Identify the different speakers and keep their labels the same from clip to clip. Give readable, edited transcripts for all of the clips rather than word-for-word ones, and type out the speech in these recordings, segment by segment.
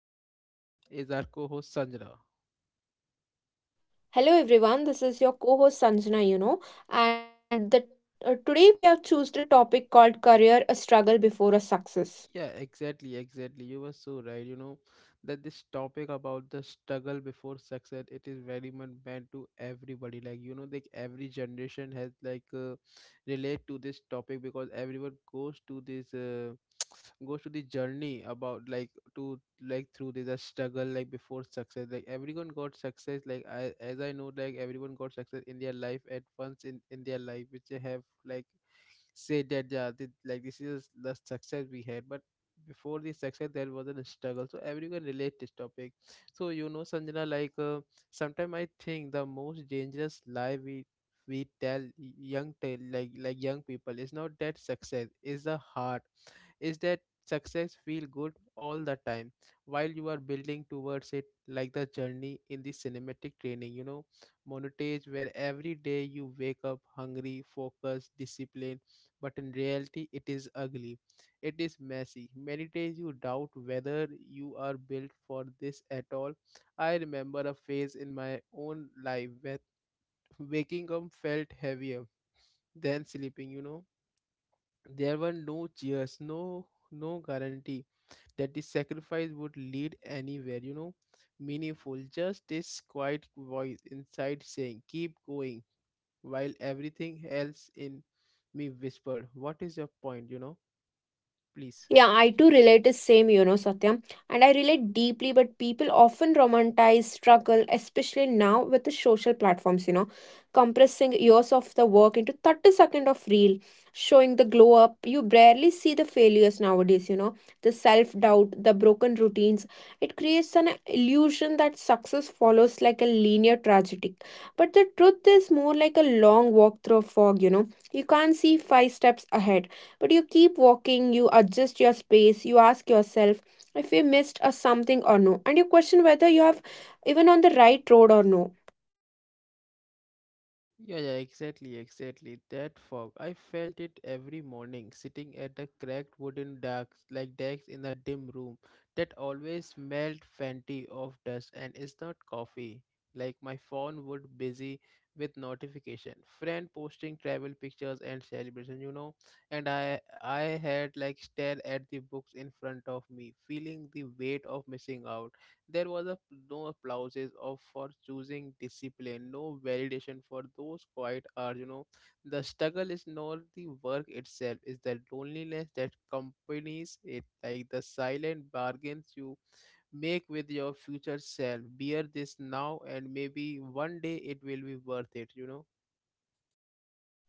Speaker 1: and with me is our co-host Sanjana.
Speaker 2: Hello everyone, this is your co-host Sanjana, and today we have chosen a topic called career, a struggle before a success.
Speaker 1: Yeah, exactly, exactly. You were so right. You know that this topic about the struggle before success, it is very much meant to everybody. Like you know, like every generation has like relate to this topic because everyone goes to this goes to the journey about like to like through this struggle like before success. Like everyone got success. Like I as I know, like everyone got success in their life at once in their life, which they have like say that yeah, this, like this is the success we had, but before the success there was a struggle, so everyone can relate this topic. So you know, Sanjana, like sometimes I think the most dangerous lie we tell young tell like young people is not that success is the heart, is that success feel good all the time while you are building towards it, like the journey in the cinematic training, monotage, where every day you wake up hungry, focused, disciplined. But in reality it is ugly, it is messy. Many days you doubt whether you are built for this at all. I remember a phase in my own life where waking up felt heavier than sleeping. There were no cheers, no guarantee that the sacrifice would lead anywhere, meaningful. Just this quiet voice inside saying, keep going, while everything else in me whispered, what is your point, please.
Speaker 2: Yeah, I too relate the same, Satyam. And I relate deeply, but people often romanticize struggle, especially now with the social platforms, compressing years of the work into 30 seconds of reel, showing the glow up. You barely see the failures nowadays, the self-doubt, the broken routines. It creates an illusion that success follows like a linear tragedy. But the truth is more like a long walk through a fog, you know. You can't see five steps ahead but you keep walking, you adjust your pace. You ask yourself if you missed a something or no, and you question whether you have even on the right road or no.
Speaker 1: Yeah, yeah, exactly, exactly. That fog. I felt it every morning, sitting at a cracked wooden deck, like desk, in a dim room that always smelled faintly of dust and is not coffee. Like my phone would busy with notification, friend posting travel pictures and celebration. And I had like stare at the books in front of me, feeling the weight of missing out. There was a, no applauses of for choosing discipline, no validation for those quiet hours. You know, the struggle is not the work itself; it's the loneliness that accompanies it, like the silent bargains you make with your future self. Bear this now, and maybe one day it will be worth it.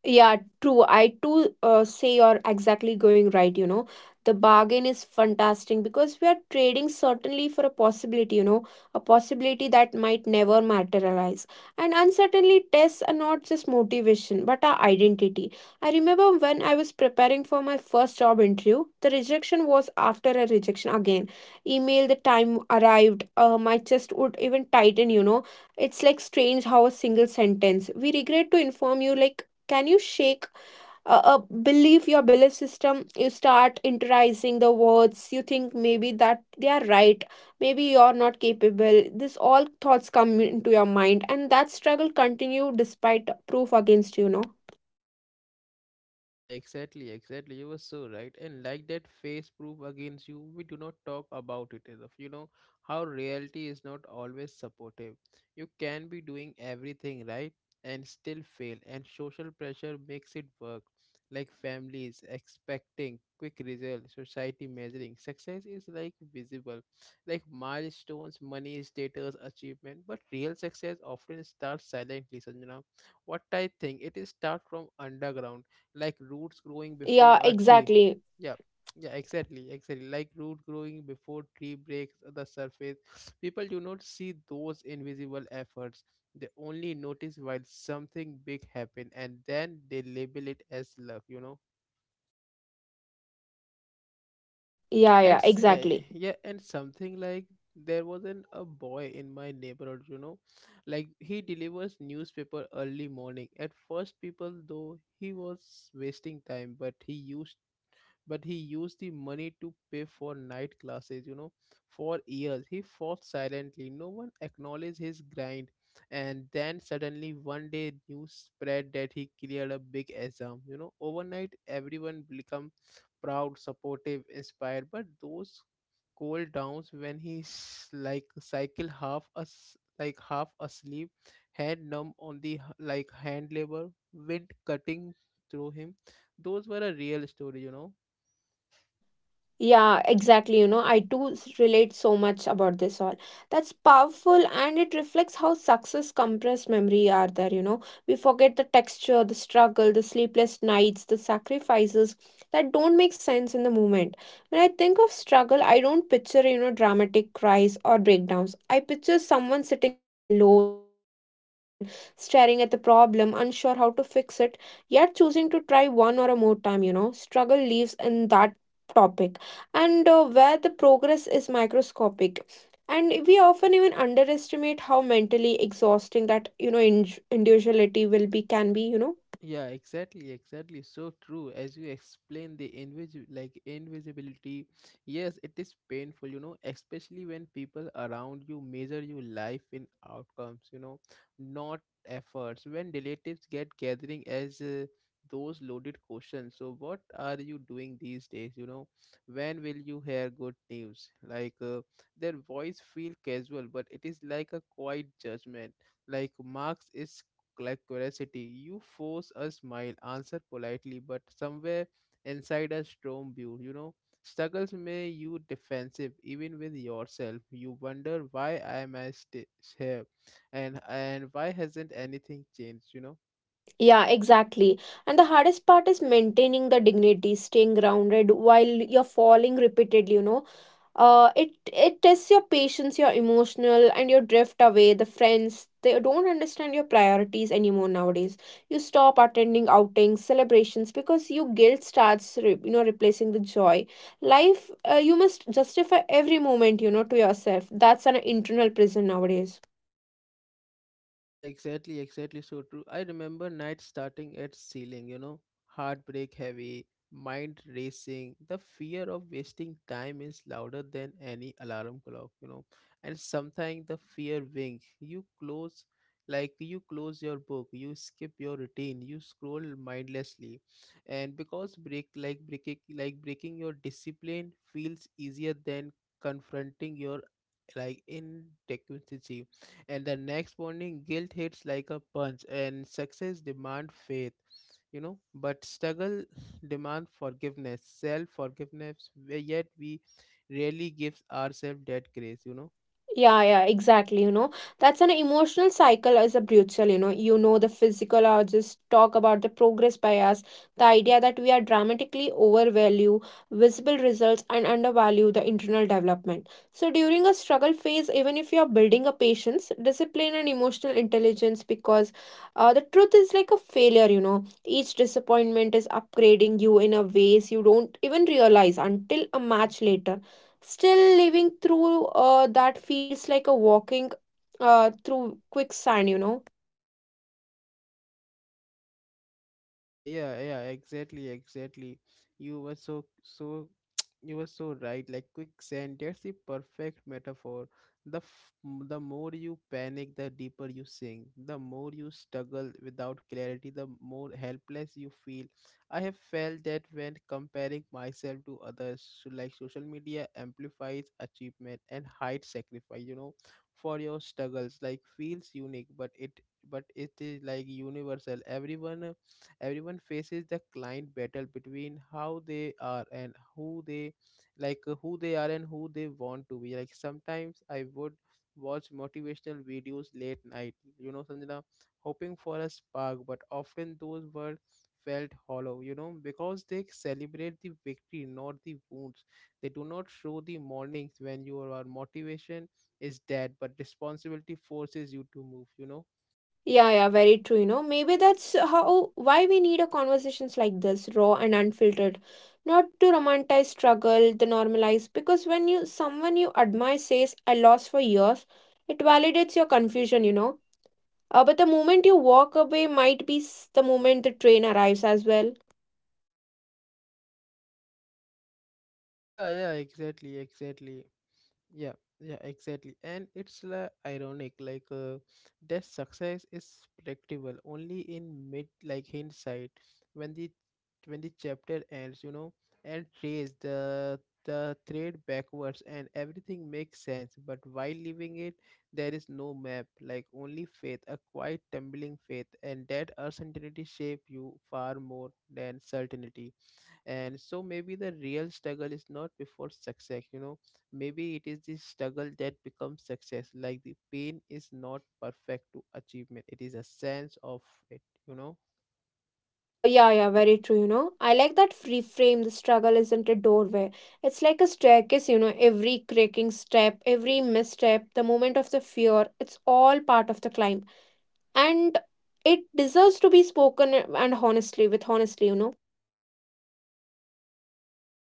Speaker 2: Yeah, true. I too say you're exactly going right. The bargain is fantastic because we are trading certainly for a possibility, a possibility that might never materialize. And uncertainly, tests are not just motivation, but our identity. I remember when I was preparing for my first job interview, the rejection was after a rejection again. Email, the time arrived, my chest would even tighten. It's like strange how a single sentence, we regret to inform you, like, can you shake a belief, your belief system. You start internalizing the words. You think maybe that they are right, maybe you're not capable. This all thoughts come into your mind, and that struggle continue despite proof against
Speaker 1: Yeah, yeah, exactly, exactly. You were so right. And like that face proof against you, we do not talk about it enough. You know how reality is not always supportive. You can be doing everything right and still fail, and social pressure makes it work. Like families expecting quick results, society measuring success is like visible, like milestones, money, status, achievement. But real success often starts silently, Sanjana. What I think, it is start from underground, like roots growing before
Speaker 2: yeah,
Speaker 1: a tree.
Speaker 2: exactly.
Speaker 1: Yeah, yeah, exactly, exactly. Like root growing before tree breaks the surface. People do not see those invisible efforts. They only notice while something big happen, and then they label it as luck.
Speaker 2: Yeah,
Speaker 1: And
Speaker 2: yeah,
Speaker 1: s- uh,
Speaker 2: exactly.
Speaker 1: yeah, and something like there was an a boy in my neighborhood. You know, like he delivers newspaper early morning. At first, people though he was wasting time, but he used the money to pay for night classes. For years, he fought silently. No one acknowledged his grind. And then suddenly, one day, news spread that he cleared a big exam. Overnight, everyone become proud, supportive, inspired. But those cold downs when he's like cycle half as like half asleep, hand numb on the like hand labor, wind cutting through him. Those were a real story.
Speaker 2: Yeah, exactly. You know, I do relate so much about this all. That's powerful, and it reflects how success compressed memory are there. We forget the texture, the struggle, the sleepless nights, the sacrifices that don't make sense in the moment. When I think of struggle, I don't picture, dramatic cries or breakdowns. I picture someone sitting alone at the table, staring at the problem, unsure how to fix it, yet choosing to try one or a more time. Struggle lives in that topic, and where the progress is microscopic. And we often even underestimate how mentally exhausting that individuality will be, can be.
Speaker 1: Yeah, exactly, exactly. So true. As you explain the invis like invisibility, yes, it is painful, especially when people around you measure your life in outcomes, not efforts. When relatives get gathering as those loaded questions. So what are you doing these days, you know? When will you hear good news? Like their voice feel casual, but it is like a quiet judgment. Like Marx is like curiosity. You force a smile, answer politely, but somewhere inside a storm view, struggles may you defensive even with yourself. You wonder why am I here, and why hasn't anything changed?
Speaker 2: Yeah, exactly. And the hardest part is maintaining the dignity, staying grounded while you're falling repeatedly uh it it tests your patience, your emotional, and your drift away. The friends, they don't understand your priorities anymore nowadays. You stop attending outings, celebrations, because your guilt starts replacing the joy. Life, you must justify every moment to yourself. That's an internal prison nowadays.
Speaker 1: Yeah, exactly, exactly. So true. I remember nights starting at ceiling, heartbreak heavy, mind racing. The fear of wasting time is louder than any alarm clock. And sometimes the fear wings. You close, like you close your book, you skip your routine, you scroll mindlessly, and because like breaking your discipline feels easier than confronting your like inadequacy. And the next morning guilt hits like a punch, and success demand faith, but struggle demand forgiveness, self forgiveness, yet we rarely give ourselves that grace.
Speaker 2: Yeah, yeah, exactly. You know, that's an emotional cycle as a brutal. You know, the physiologists talk about the progress bias, the idea that we are dramatically overvalue visible results and undervalue the internal development. So during a struggle phase, even if you're building a patience, discipline and emotional intelligence, because the truth is like a failure. Each disappointment is upgrading you in a ways you don't even realize until a match later. Still living through that feels like a walking through quicksand.
Speaker 1: Yeah, yeah, yeah, exactly, exactly. You were so, so, you were so right. Like quicksand, that's the perfect metaphor. The the more you panic, the deeper you sink. The more you struggle without clarity, the more helpless you feel. I have felt that when comparing myself to others, so like social media amplifies achievement and hides sacrifice, for your struggles. Like feels unique, but it is like universal. Everyone faces the client battle between how they are and who they are and who they want to be. Like sometimes I would watch motivational videos late night, you know, Sanjana, hoping for a spark, but often those were felt hollow because they celebrate the victory, not the wounds. They do not show the mornings when your motivation is dead but responsibility forces you to move.
Speaker 2: Yeah, yeah, very true. Maybe that's how why we need a conversations like this, raw and unfiltered. Not to romanticize struggle, the normalize, because when you someone you admire says I lost for years, it validates your confusion. But the moment you walk away might be the moment the train arrives as well.
Speaker 1: Yeah, yeah, exactly, exactly. Yeah, yeah, exactly. And it's like ironic, like that success is predictable only in like hindsight, when the chapter ends, and trace the thread backwards, and everything makes sense. But while leaving it, there is no map, like only faith, a quiet tumbling faith, and that uncertainty shape you far more than certainty. And so maybe the real struggle is not before success, maybe it is the struggle that becomes success. Like the pain is not perfect to achievement, it is a sense of it you know
Speaker 2: Yeah, yeah, very true. I like that reframe. The struggle isn't a doorway. It's like a staircase. Every cracking step, every misstep, the moment of the fear, it's all part of the climb. And it deserves to be spoken and honestly, with honestly.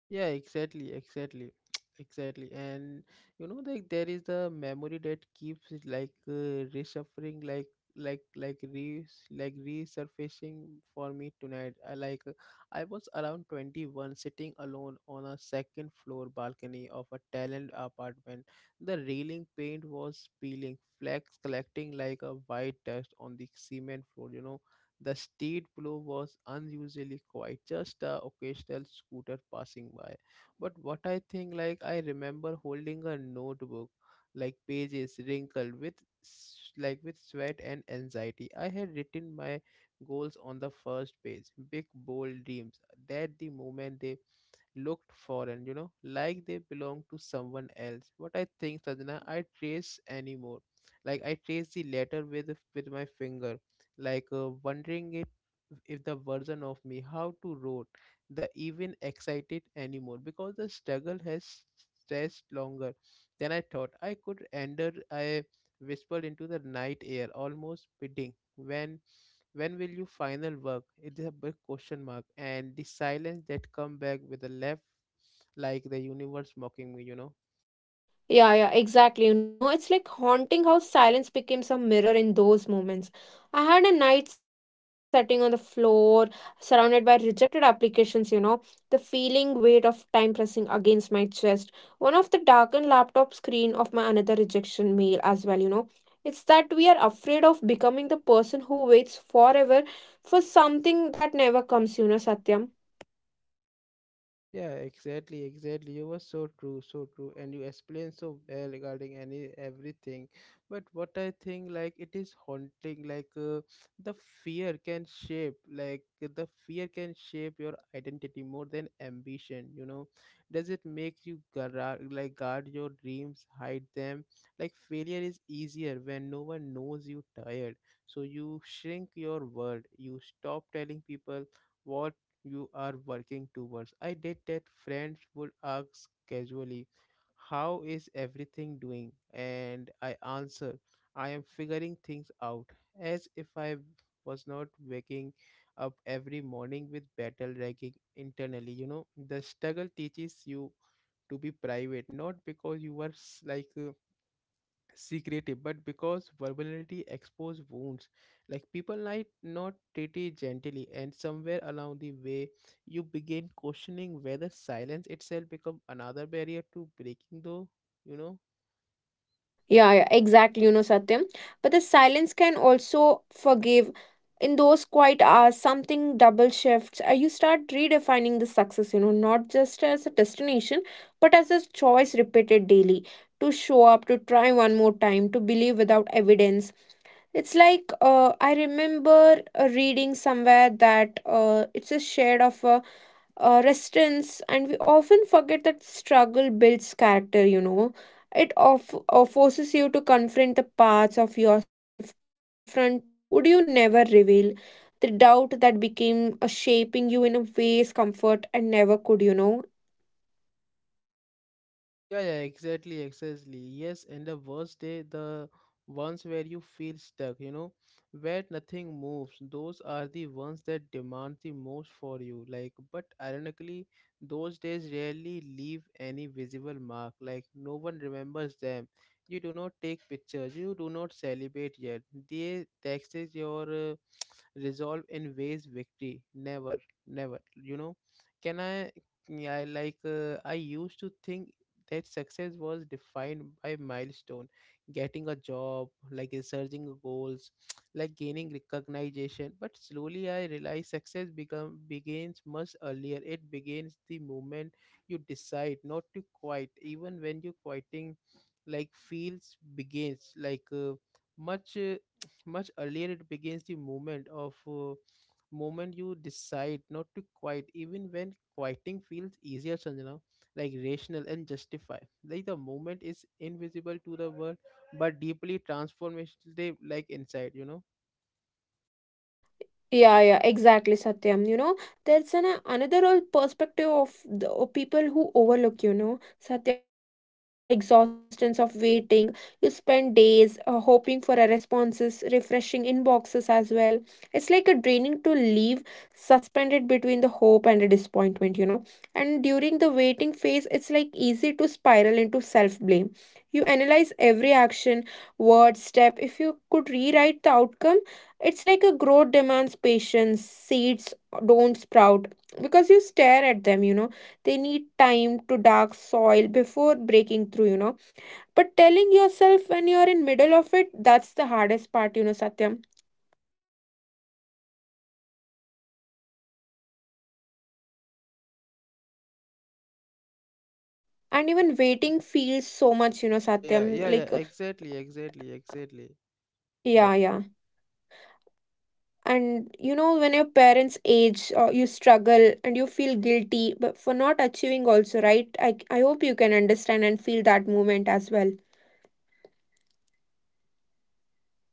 Speaker 1: Yeah, exactly, exactly, exactly. And like there is the memory that keeps it like resurfacing, like re like resurfacing for me tonight. I was around 21, sitting alone on a second floor balcony of a talent apartment. The railing paint was peeling, flags collecting like a white dust on the cement floor. You know the street below was unusually quiet, just the occasional scooter passing by. But what I think, like, I remember holding a notebook, like pages wrinkled with like with sweat and anxiety. I had written my goals on the first page, big bold dreams. That the moment they looked foreign, like they belong to someone else. What I think, Sadhana, I trace anymore. Like I trace the letter with my finger, like wondering if the version of me how to wrote the even excited anymore because the struggle has stretched longer than I thought. I could endure. I whispered into the night air, almost bidding when will you final work? It is a big question mark. And the silence that come back with a laugh, like the universe mocking me.
Speaker 2: Yeah, yeah, exactly. You know, it's like haunting how silence becomes a mirror in those moments. I had a night sitting on the floor, surrounded by rejected applications, the feeling weight of time pressing against my chest. One of the darkened laptop screen of my another rejection mail as well. It's that we are afraid of becoming the person who waits forever for something that never comes, Satyam.
Speaker 1: Yeah, exactly, exactly. You were so true, and you explained so well regarding any everything. But what I think, like it is haunting, like the the fear can shape your identity more than ambition. Does it make you like guard your dreams, hide them? Like failure is easier when no one knows you tired, so you shrink your world. You stop telling people what you are working towards. I did that. Friends would ask casually, how is everything doing? And I answer, I am figuring things out, as if I was not waking up every morning with battle raging internally. The struggle teaches you to be private, not because you were like secretive, but because vulnerability expose wounds. Like people might not treat it gently, and somewhere along the way you begin questioning whether silence itself become another barrier to breaking though you know
Speaker 2: Yeah, yeah, exactly, Satyam. But the silence can also forgive. In those quiet hours, something double shifts. You start redefining the success, not just as a destination, but as a choice repeated daily to show up, to try one more time, to believe without evidence. It's like I remember reading somewhere that it's a shade of a restaurants, and we often forget that struggle builds character. It of forces you to confront the parts of yourself, confront would you never reveal the doubt that became a shaping you in a ways comfort and never could.
Speaker 1: Yeah, yeah, exactly, exactly. Yes, and the worst day, the ones where you feel stuck, where nothing moves, those are the ones that demand the most for you. Like, but ironically, those days rarely leave any visible mark. Like, no one remembers them. You do not take pictures, you do not celebrate yet. They taxes your resolve in ways victory never, never. Can I? I I used to think that success was defined by milestone, getting a job, like researching goals like gaining recognition. But slowly I realized success become begins much earlier. It begins the moment you decide not to quit even when you quitting like feels begins like much much earlier. It begins the moment you decide not to quit even when quieting feels easier, Sanjana. Like rational and justify, like the moment is invisible to the world but deeply transformative, like inside, you know.
Speaker 2: Yeah, yeah, exactly, Satyam. You know, there's an another whole perspective of the of people who overlook, Satyam, the emotional exhaustion of waiting. You spend days hoping for a responses, refreshing inboxes as well. It's like a draining to leave suspended between the hope and the disappointment. And during the waiting phase, it's like easy to spiral into self-blame. You analyze every action, word, step. If you could rewrite the outcome, it's like a growth demands patience. Seeds don't sprout because you stare at them. They need time to dark soil before breaking through. But telling yourself when you're in middle of it, that's the hardest part, Satyam. And even waiting feels so much,
Speaker 1: Yeah, yeah,
Speaker 2: Satyam.
Speaker 1: yeah, yeah.
Speaker 2: Like,
Speaker 1: Exactly, exactly, exactly. Yeah.
Speaker 2: yeah, yeah. And you know, when your parents age, you struggle and you feel guilty but for not achieving also, right? I hope you can understand and feel that moment as well.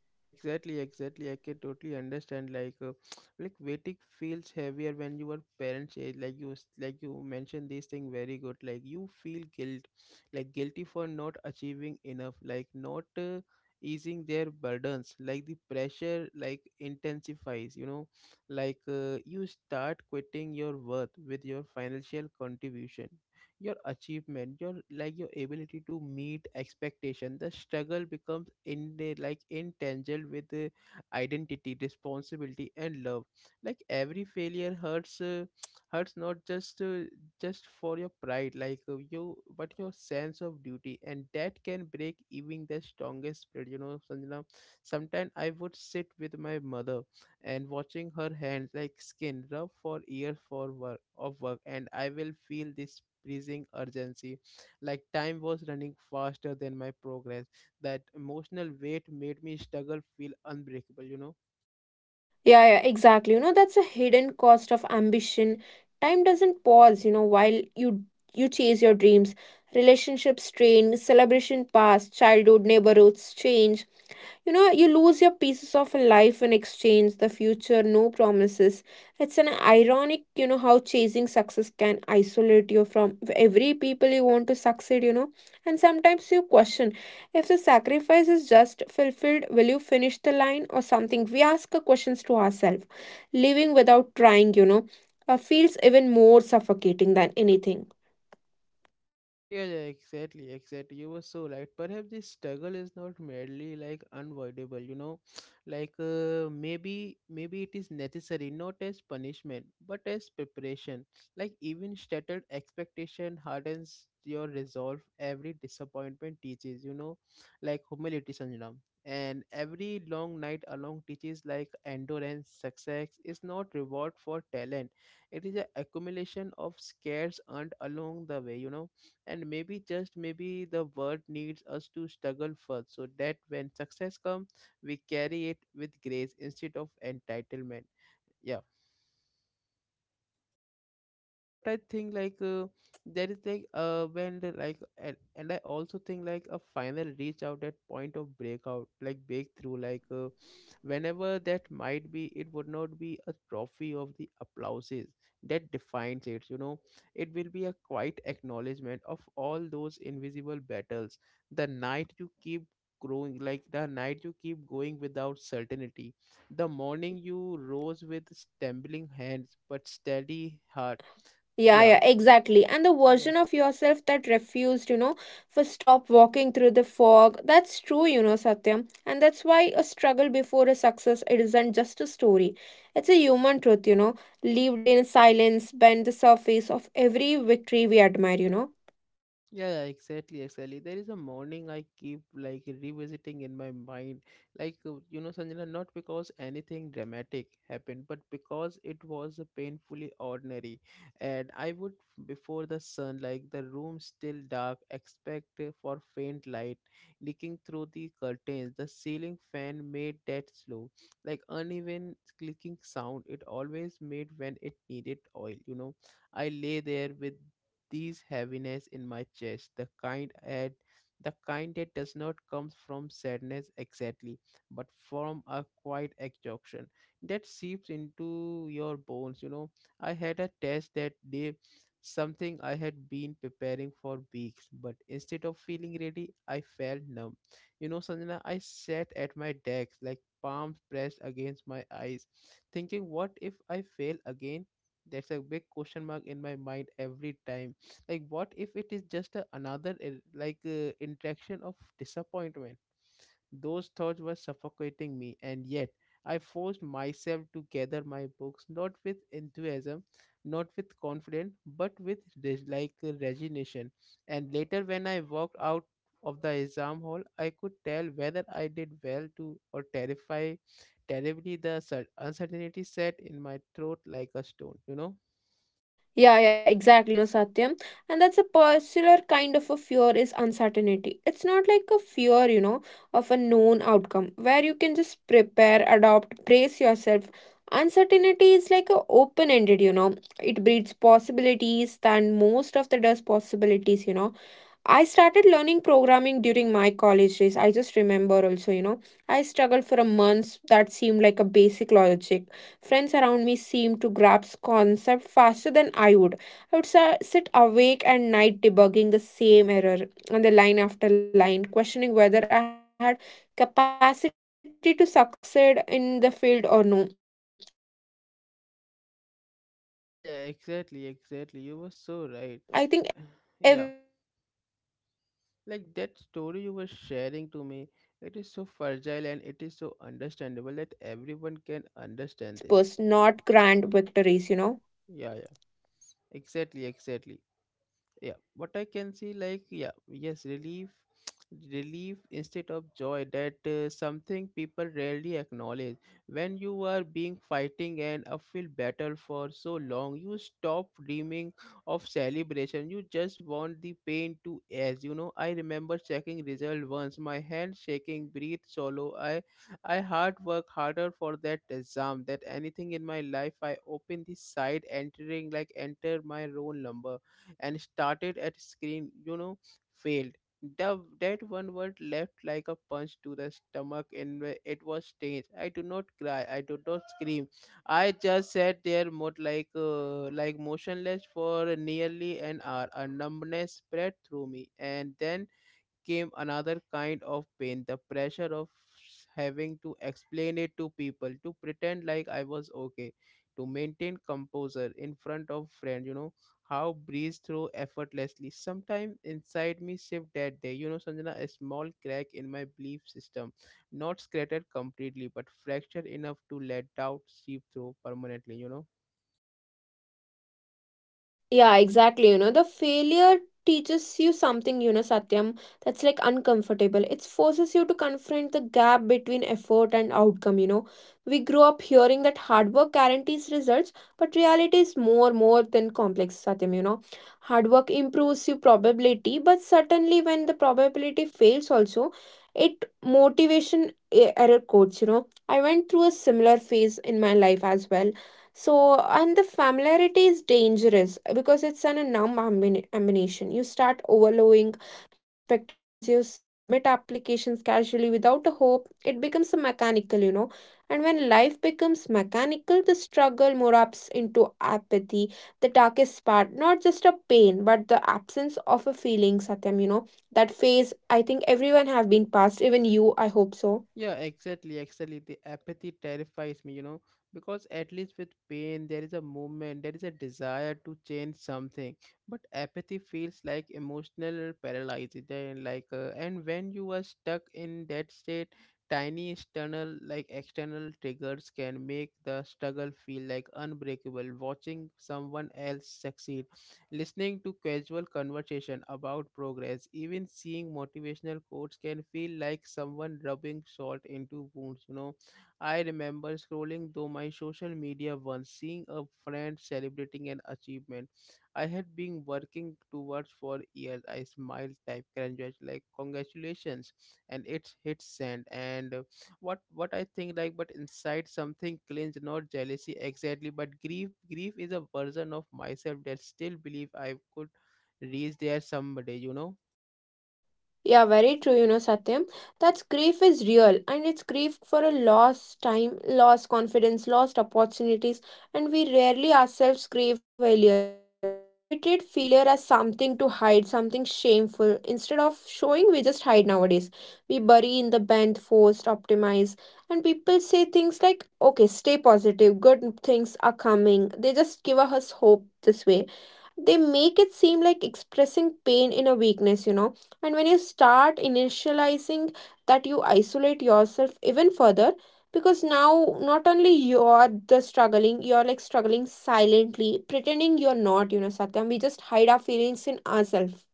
Speaker 1: Yeah, exactly, exactly. I can totally understand. Like, like waiting feels heavier when you are parents age. Like you, like you mentioned this thing very good. Like you feel guilt, like guilty for not achieving enough, like not easing their burdens. Like the pressure, like intensifies. You know, you start quitting your worth with your financial contribution, your achievement, your like your ability to meet expectation. The struggle becomes in the like entangled with the identity, responsibility and love. Like every failure hurts hurts not just for your pride, like you, but your sense of duty. And that can break even the strongest spirit, you know, Sanjana. Sometimes I would sit with my mother and watching her hands, like skin rub for years for work of work, and I will feel this pressing urgency, like time was running faster than my progress. That emotional weight made me struggle feel unbreakable, you know.
Speaker 2: Yeah, yeah, exactly. You know, that's a hidden cost of ambition. Time doesn't pause, while you chase your dreams. Relationships strain, celebration pass, childhood neighborhoods change, you lose your pieces of life in exchange, the future, no promises. It's an ironic, how chasing success can isolate you from every people you want to succeed. And sometimes you question if the sacrifice is just fulfilled, will you finish the line or something? We ask questions to ourselves. Living without trying, feels even more suffocating than anything.
Speaker 1: Yeah, yeah, exactly, exactly. You were so right. Perhaps this struggle is not merely like unavoidable, you know, maybe maybe it is necessary, not as punishment but as preparation. Like even shattered expectation hardens your resolve. Every disappointment teaches, you know, like humility, Sanjana. And every long night along teaches like endurance. Success is not reward for talent; it is an accumulation of scares earned along the way, you know. And maybe just maybe the world needs us to struggle first, so that when success comes, we carry it with grace instead of entitlement. Yeah. What I think. There is like when the, like and I also think like a final reach out that point of breakout, like breakthrough, whenever that might be, it would not be a trophy of the applauses that defines it, you know. It will be a quiet acknowledgement of all those invisible battles, the night you keep growing, like the night you keep going without certainty, the morning you rose with stumbling hands but steady heart.
Speaker 2: Yeah,
Speaker 1: Yeah,
Speaker 2: yeah, exactly. And the
Speaker 1: yeah.
Speaker 2: version of yourself that refused, for stop walking through the fog. That's true, Satyam. And that's why a struggle before a success it isn't just a story. It's a human truth, lived in silence, bend the surface of every victory we admire.
Speaker 1: Yeah, yeah, exactly, exactly. There is a morning I keep like revisiting in my mind, you know, Sanjana, not because anything dramatic happened, but because it was a painfully ordinary. And I would, before the sun, like the room still dark, expect for faint light leaking through the curtains. The ceiling fan made that slow, like uneven clicking sound it always made when it needed oil. You know, I lay there with this heaviness in my chest, the kind that does not come from sadness exactly, but from a quiet exhaustion that seeps into your bones. You know, I had a test that day, something I had been preparing for weeks, but instead of feeling ready, I felt numb. You know, Sanjana, I sat at my desk, like palms pressed against my eyes, thinking, what if I fail again? That's a big question mark in my mind every time, like what if it is just a, another interaction of disappointment. Those thoughts were suffocating me, and yet I forced myself to gather my books, not with enthusiasm, not with confidence, but with resignation. And later when I walked out of the exam hall, I could tell whether I did well to or terrify terribly. The uncertainty sat in my throat like a stone, you know.
Speaker 2: Yeah, yeah, exactly, Satyam. And that's a particular kind of a fear is uncertainty. It's not like a fear, of a known outcome where you can just prepare, adopt, brace yourself. Uncertainty is like a open-ended. It breeds possibilities than most of the does possibilities. I started learning programming during my college days. I just remember also, I struggled for a month that seemed like a basic logic. Friends around me seemed to grasp concept faster than I would. I would sit awake at night debugging the same error on the line after line, questioning whether I had capacity to succeed in the field or no. I think everyone will come in this phase, everyone has passed this phase.
Speaker 1: Yeah, yeah,
Speaker 2: Mm. But the
Speaker 1: exactly,
Speaker 2: stubborn
Speaker 1: exactly. You were
Speaker 2: belief,
Speaker 1: so
Speaker 2: maybe
Speaker 1: right.
Speaker 2: just maybe
Speaker 1: Uh,
Speaker 2: tomorrow, you
Speaker 1: yeah,
Speaker 2: know, I'll crack the logic
Speaker 1: like that
Speaker 2: kept pulling
Speaker 1: story
Speaker 2: me
Speaker 1: you were
Speaker 2: back and back
Speaker 1: sharing to
Speaker 2: again
Speaker 1: me,
Speaker 2: and again.
Speaker 1: it is so
Speaker 2: A reminder
Speaker 1: fragile and
Speaker 2: that
Speaker 1: it is so
Speaker 2: sometimes says me
Speaker 1: understandable
Speaker 2: like
Speaker 1: that
Speaker 2: struggle
Speaker 1: everyone can
Speaker 2: pays in
Speaker 1: understand this.
Speaker 2: whispers, not grand victories.
Speaker 1: Yeah, yeah, exactly, exactly. Yeah, what I can see, like, yeah, yes, relief. Relief instead of joy that something people rarely acknowledge. When you are being fighting an uphill battle for so long, you stop dreaming of celebration, you just want the pain to end, you know. I remember checking result once, my hand shaking, breathe solo. I I hard work harder for that exam that anything in my life. I open the side entering, like enter my own number and started at screen, you know, failed. The, that one word left like a punch to the stomach, and it was strange. I do not cry. I do not scream. I just sat there, motionless for nearly an hour. A numbness spread through me, and then came another kind of pain, the pressure of having to explain it to people, to pretend like I was okay, to maintain composure in front of friends. You know how breeze through effortlessly sometime inside me shift that day, you know, Sanjana. A small crack in my belief system, not scattered completely but fractured enough to let doubt seep through permanently, you know.
Speaker 2: Yeah, exactly. You know, the failure teaches you something, Satyam, that's like uncomfortable. It forces you to confront the gap between effort and outcome. We grow up hearing that hard work guarantees results, but reality is more than complex, Satyam. Hard work improves your probability, but certainly when the probability fails also, it motivation error codes. I went through a similar phase in my life as well so, and the familiarity is dangerous because it's an a numb ammunition. You start overlowing your expectations, you submit applications casually without a hope. It becomes a mechanical. And when life becomes mechanical, the struggle morphs into apathy, the darkest part, not just a pain, but the absence of a feeling, Satyam. That phase, I think everyone have been past, even you, I hope so.
Speaker 1: Yeah, exactly, exactly. The apathy terrifies me, you know, because at least with pain, there is a movement, there is a desire to change something. But apathy feels like emotional paralysis, and when you are stuck in that state, tiny external, like external triggers can make the struggle feel like unbreakable. Watching someone else succeed, listening to casual conversation about progress, even seeing motivational quotes can feel like someone rubbing salt into wounds, you know. I remember scrolling through my social media once, seeing a friend celebrating an achievement I had been working towards for years. I smiled, type, congratulations, like congratulations, and it hit send. And What I think like, but inside something cleans, not jealousy exactly, but grief. Grief is a version of myself that still believe I could reach there someday, you know.
Speaker 2: Yeah, very true, Satyam. That's grief is real and it's grief for a lost time, lost confidence, lost opportunities, and we rarely ourselves grieve for failure. We treat failure as something to hide, something shameful. Instead of showing, we just hide nowadays. We bury in the bent, forced, optimize, and people say things like, okay, stay positive, good things are coming. They just give us hope this way, they make it seem like expressing pain in a weakness and when you start initializing that, you isolate yourself even further, because now not only you're the struggling, you're like struggling silently, pretending you're not Satyam. We just hide our feelings in ourselves.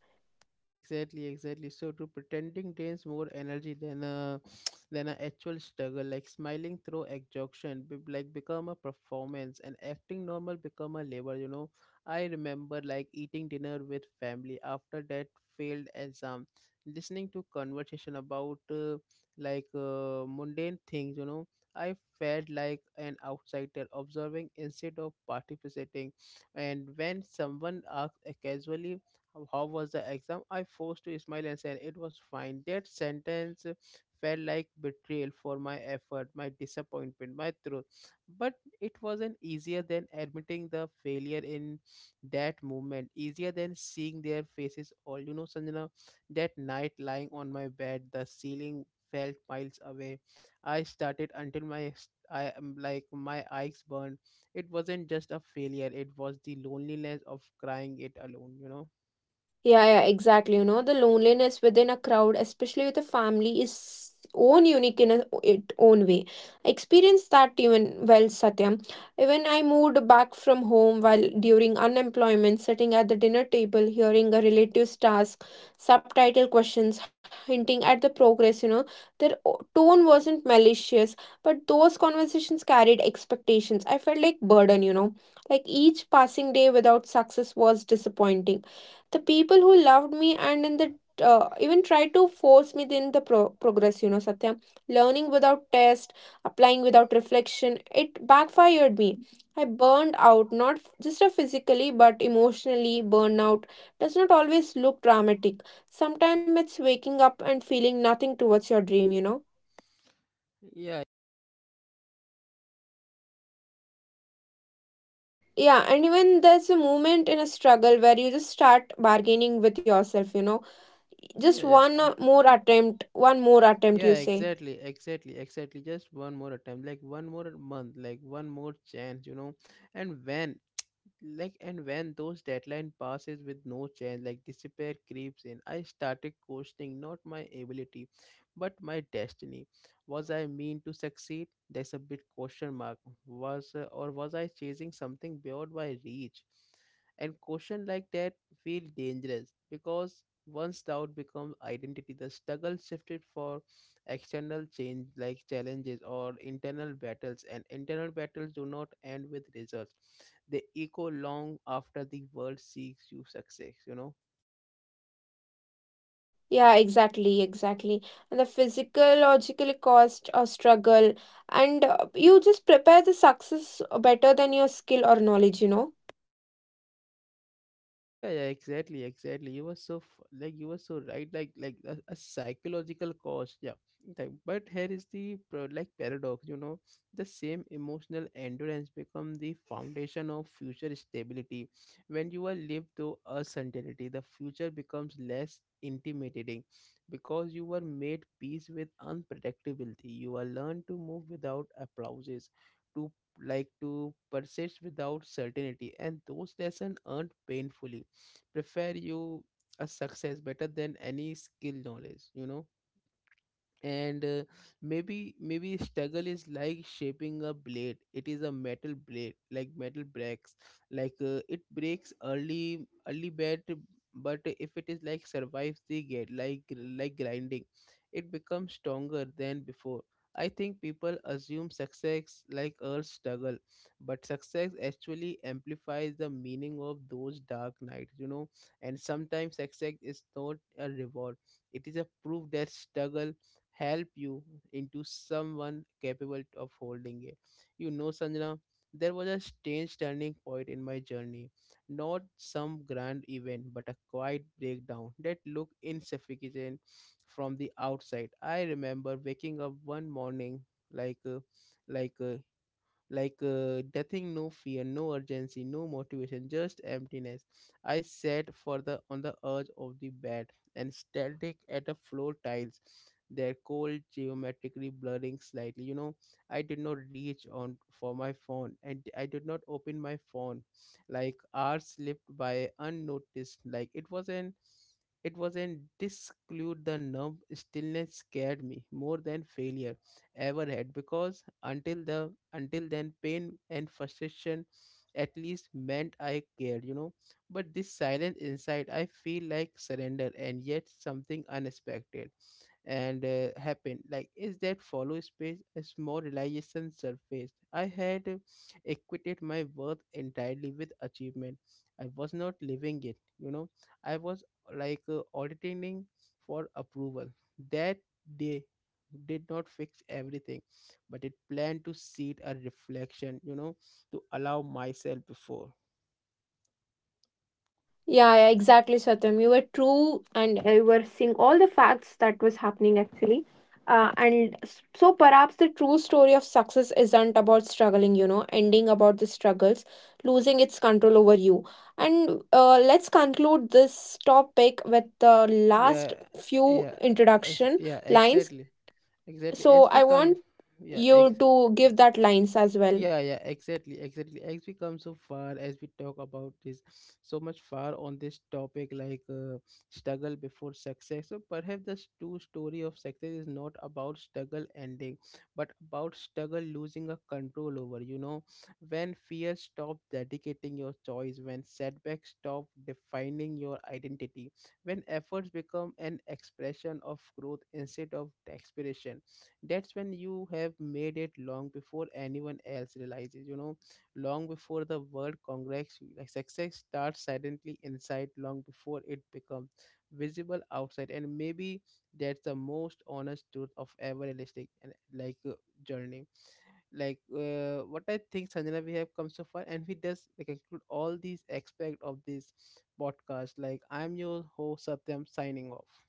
Speaker 1: Yeah, exactly, exactly. So to pretending drains more energy than a than an actual struggle. Like smiling through exhaustion, be, like become a performance, and acting normal become a labor. You know, I remember like eating dinner with family after that failed exam, listening to conversation about mundane things. You know, I felt like an outsider observing instead of participating, and when someone asks casually how was the exam, I forced to smile and said it was fine. That sentence felt like betrayal for my effort, my disappointment, my truth. But it wasn't easier than admitting the failure in that moment, easier than seeing their faces all, you know, Sanjana. That night lying on my bed, the ceiling felt miles away. I started until my I am like my eyes burned. It wasn't just a failure, it was the loneliness of crying it alone, you know.
Speaker 2: Yeah, yeah, exactly. You know, the loneliness within a crowd, especially with a family, is own unique in its own way. I experienced that even well, Satyam. Even I moved back from home while during unemployment, sitting at the dinner table, hearing a relative's task, subtitle questions, hinting at the progress. You know, their tone wasn't malicious, but those conversations carried expectations. I felt like burden. You know, like each passing day without success was disappointing the people who loved me, and in the even tried to force me in the progress Satyam. Learning without test, applying without reflection, it backfired me. I burned out, not just a physically but emotionally. Burnout does not always look dramatic. Sometimes it's waking up and feeling nothing towards your dream
Speaker 1: Yeah,
Speaker 2: yeah. And even there's a moment in a struggle where you just start bargaining with yourself
Speaker 1: yeah,
Speaker 2: just
Speaker 1: yeah,
Speaker 2: one more attempt, one more attempt, you
Speaker 1: yeah,
Speaker 2: say.
Speaker 1: exactly, exactly, exactly. Just one more attempt, like one more month, like one more chance, you know. And when like and when those deadline passes with no change, like despair creeps in. I started questioning not my ability but my destiny. Was I mean to succeed? There's a big question mark. Was I chasing something beyond my reach? And question like that feel dangerous, because once doubt becomes identity, the struggle shifted for external change, like challenges or internal battles. And internal battles do not end with results, they echo long after the world seeks you success, you know.
Speaker 2: Yeah, exactly, exactly. And the physical, logical cost or struggle, and you just prepare the success better than your skill or knowledge.
Speaker 1: Yeah, yeah, exactly, exactly. You were so like you were so right, like a psychological cost. Yeah, like, but here is the like paradox, you know. The same emotional endurance become the foundation of future stability. When you are lived to a certainty, the future becomes less intimidating, because you were made peace with unpredictability. You are learned to move without applauses, to like to persist without certainty. And those lessons earned painfully prepare you a success better than any skill knowledge, you know. And Maybe maybe struggle is like shaping a blade. It is a metal blade, like metal breaks, it breaks early, early bad. But if it is like survives the gate, like grinding, it becomes stronger than before. I think people assume success like a struggle, but success actually amplifies the meaning of those dark nights, you know. And sometimes success is not a reward, it is a proof that struggle help you into someone capable of holding it. You know, Sanjana, there was a strange turning point in my journey. Not some grand event, but a quiet breakdown that looked insufficient from the outside. I remember waking up one morning, like uh, like uh, nothing, no fear, no urgency, no motivation, just emptiness. I sat for the on the edge of the bed and static at the floor tiles, their cold geometrically blurring slightly, you know. I did not reach on for my phone and I did not open my phone. Like hours slipped by unnoticed, like it was an, it was an disclude. The numb stillness scared me more than failure ever had, because until the until then, pain and frustration at least meant I cared, you know. But this silence inside I feel like surrender. And yet something unexpected and happened. Like is that follow space, a small realization surfaced. I had equated my worth entirely with achievement. I was not living it, you know. I was auditing for approval. That day did not fix everything, but it planned to seed a reflection, you know. To allow myself before,
Speaker 2: Yeah, yeah, exactly, Satyam. You were true, and you were seeing all the facts that was happening actually. So perhaps the true story of success isn't about struggling, ending about the struggles, losing its control over you. And let's conclude this topic with the
Speaker 1: yeah,
Speaker 2: last few
Speaker 1: yeah,
Speaker 2: introduction
Speaker 1: yeah,
Speaker 2: lines.
Speaker 1: exactly, exactly,
Speaker 2: So
Speaker 1: as
Speaker 2: I
Speaker 1: we come,
Speaker 2: want
Speaker 1: yeah,
Speaker 2: you
Speaker 1: ex.
Speaker 2: to give that lines as well.
Speaker 1: Yeah, yeah, exactly, exactly. As we come so far, as we talk about this so much far on this topic, struggle before success. So perhaps the true story of success is not about struggle ending, but about struggle losing a control over. You know, when fear stops dedicating your choice, when setbacks stop defining your identity, when efforts become an expression of growth instead of desperation, that's when you have made it, long before anyone else realizes, you know, long before the world congrats you. Like success starts silently inside long before it becomes visible outside. And maybe that's the most honest truth of ever realistic and journey. What I think, Sanjana, we have come so far and we just like include all these aspect of this podcast. Like, I'm your host Satyam signing off.